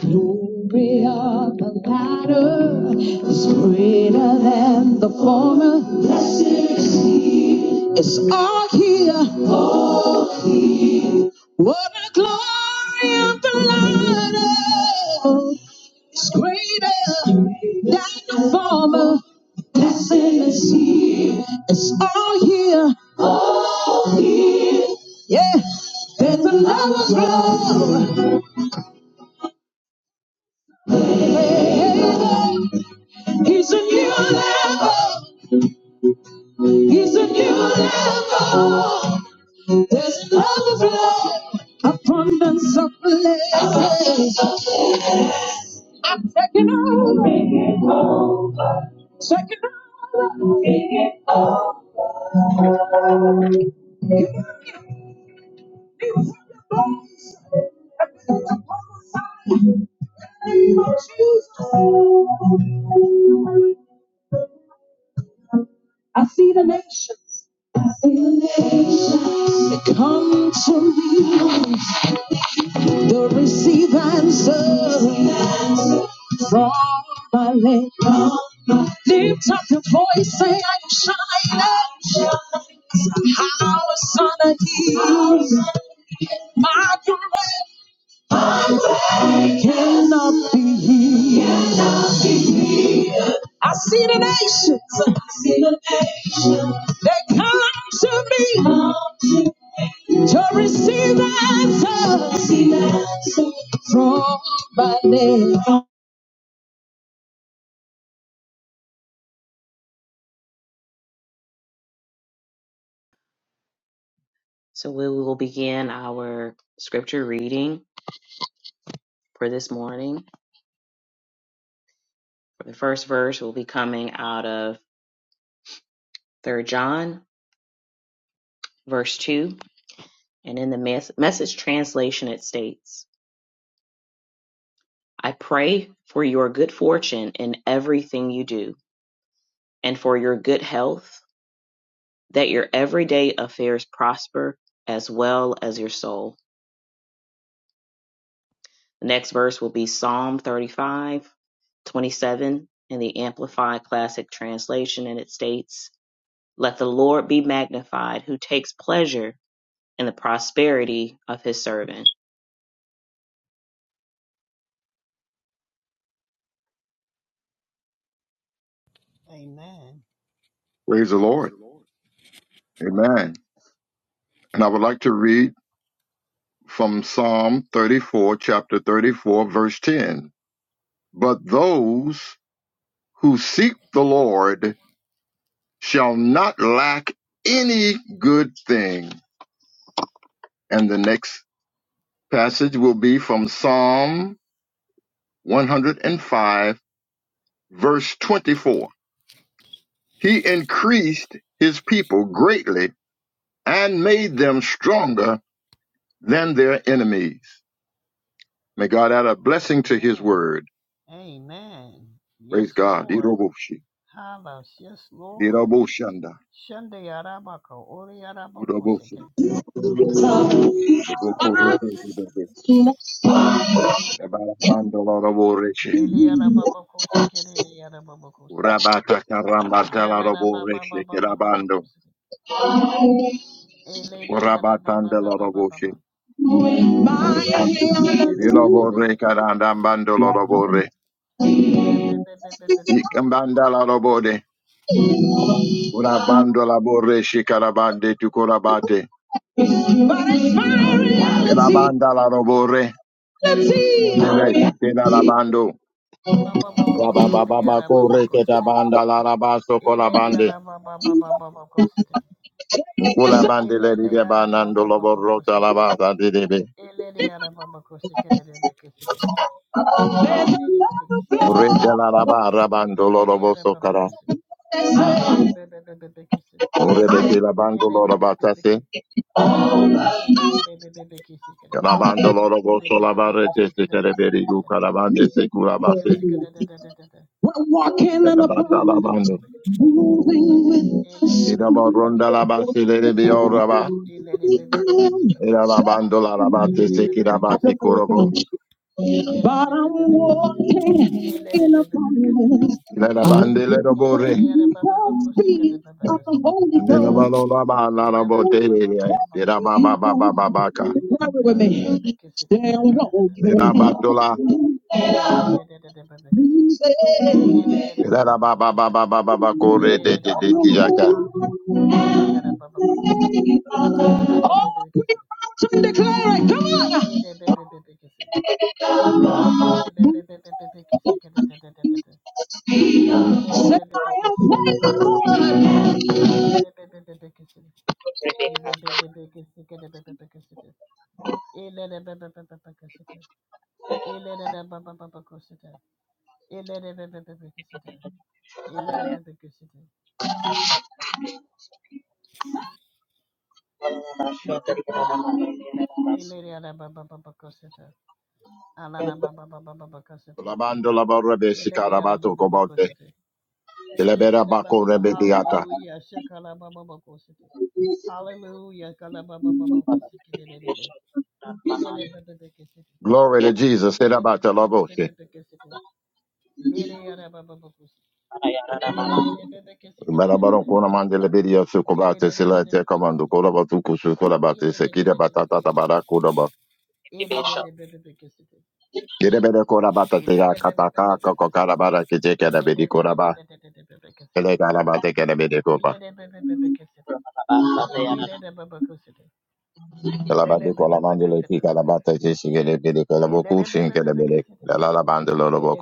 Glory of the latter is greater than the former. It's all here. What a glory of the latter is greater than the former. It's all here. Yeah. There's another glory. He's a new level. He's a new level. There's an overflow, abundance of blessings. I'm checking out, checking out. I see the nations, I see the nations. They come to me, they receive answers from my land. Lift up your voice, say I'm shining. How a son of Eve, my glory cannot be hid. I see the nations. I see the nations. They come to me Come to me. to receive answers Receive answers. from my name. So we will begin our scripture reading for this morning. The first verse will be coming out of 3 John, verse 2. And in the mes- message translation, it states, I pray for your good fortune in everything you do, and for your good health that your everyday affairs prosper as well as your soul. The next verse will be Psalm 35:27 in the Amplified Classic Translation, and it states, Let the Lord be magnified who takes pleasure in the prosperity of his servant. Amen. Praise the Praise Lord. the Lord. Amen. And I would like to read from Psalm 34, chapter 34, verse 10. But those who seek the Lord shall not lack any good thing. And the next passage will be from Psalm 105, verse 24. He increased his people greatly and made them stronger than their enemies. May God add a blessing to his Amen. word Amen. Praise Yes, God. Lord. Iroboshi. Halos. Yes, Lord. Iroboshanda. Shande yarabako, ori yarabako Uroboshi. seke. Uroboko rete tebebe. Rabarabando loroboreshe. Lili yarabako seke, lili yarabako seke. Urabataka rambatela Rela roboreshe kerabando. rababababababako seke. Elele Urabatanda loroboshe. yarababababababa. Elele Irobore bebebebebebebeke seke. karandambando lorobore. Ele bebebebebebeke seke. Ikambanda lorobode. Urabando laboreshe karabande tukorabate. Irabanda lorobore. Tere tera rabando. Bababako seke, Rababababako yarababako reke seke. tabanda larabaso We're Elele kolabande. yarabababababako seke. Mkula bandele di Elele de yara banando baba lobo baba rota koşudu. labata didebe. Elele yara baba koşu kerele be koşudu. Elele lele be be koşudu. Urete la laba rabando Elele lorobo yara baba sokara. koşudu. Elele be be be be be koşu. Urebete la bando Ele be be be be be. lorobatase. Elele be be be be koşu kere. Kalabando lorobo Be be be be solabarete koşu se kere da da da tereberi da da da da. gukarabande se Be be kurabase. koşu kere da da da da da da. Be be walking in koşu kere Kalabata da da da da da abundance, be labando. koşu. moving with the Elele be be Kidabo be speed be koşu. ronda of labase lerebi oraba. Elele be be be koşu the kere. Era labando la labate Elele se be be be I koşu kirabati don't kere. know kurobo. about you, Elele but be I'm walking in be be be koşu abundance. Ilera I am bandele grateful for robore. Eleriana baba the bakusika de speed baba of the kusika. Holy Ghost. Unilabalo laba la Elana baba baba robote. baba Tirababa kusika. baba baka. Worry with Bebe bebe me. bakusika de Stand walking. Nirabatola de de de de de baba kusika. Say, Bere de de de de de Rara ba baba ba ba ba kusika. ba ba ba corre Bere te de de te de de te baba kusika. kijaka. Bere de de de baba kusika. Deriana baba bakusika. Ede de all bebe three kusika. rounds declare it. Come on. Ede bebe bebe kusika. Ede bebe bebe bebe kusika de de de de de de. Ede de Say, bebe bebe I kusika am de. faithful. Ede bebe bebe bebe kusika. Ede bebe bebe kusika de bebe kusika. Elena Baba Baba Cassita. Elena Baba Baba Cassita. Elena Baba Baba Cassita. Elena Baba Cassita. Elena Baba Baba Cassita. Alana Baba Baba Baba Cassita. Labando La Elarabababababababakoretetetekiraka. Elena Baba Baba Labandolabarabesikarabatokobote. Cassita. Elena Baba Baba Elaberabakorebetiata. Hallelujah. Shakala Baba Bokosita. Hallelujah. Kala Baba Bokosita. Glory to Jesus. Serabata la voce. Bere yara baba bokusi. Marabaron kona mandele bedia su kobate silate Yere komando kolabatu kusu Ele kolabate sekida batata tabara kodoba. Gerebere korabata te kataka kokokarabara kijeka da bedi koraba. Elegarabate kerebede kopa. la bande con La mandele tica la kijeka mandele Serabatalabose. Marabaronkonamandelebediasukobate. La bocusci in che le belle la Gereberekorabatateakatakakokokarabarakitekerabedekoraba. Elegarabatekerebedekoba. Elabadekolamandeletikarabatekesikelebedekorabokusinkelebede.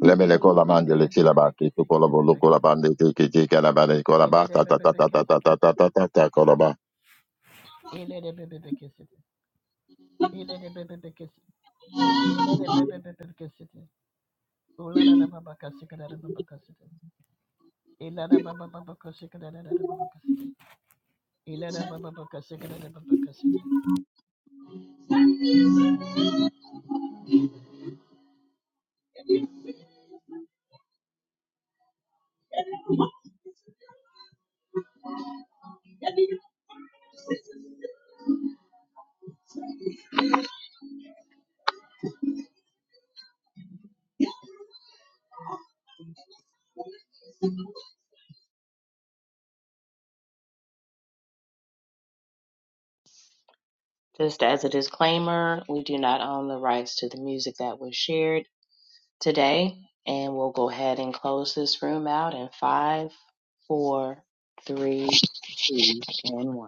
Lebele kola mande le kila bati tu kola bolu kola bande tu kiti kala bale kola bata ta ta ta ta ta ta ta ta ta ta kola ba. Ilada baba baba koshikada da da ba ba ka si da baba koshikada. Ilada baba baba koshikada da baba koshikada. Just as a disclaimer, we do not own the rights to the music that was shared. today, and we'll go ahead and close this room out in five, four, three, two, and one.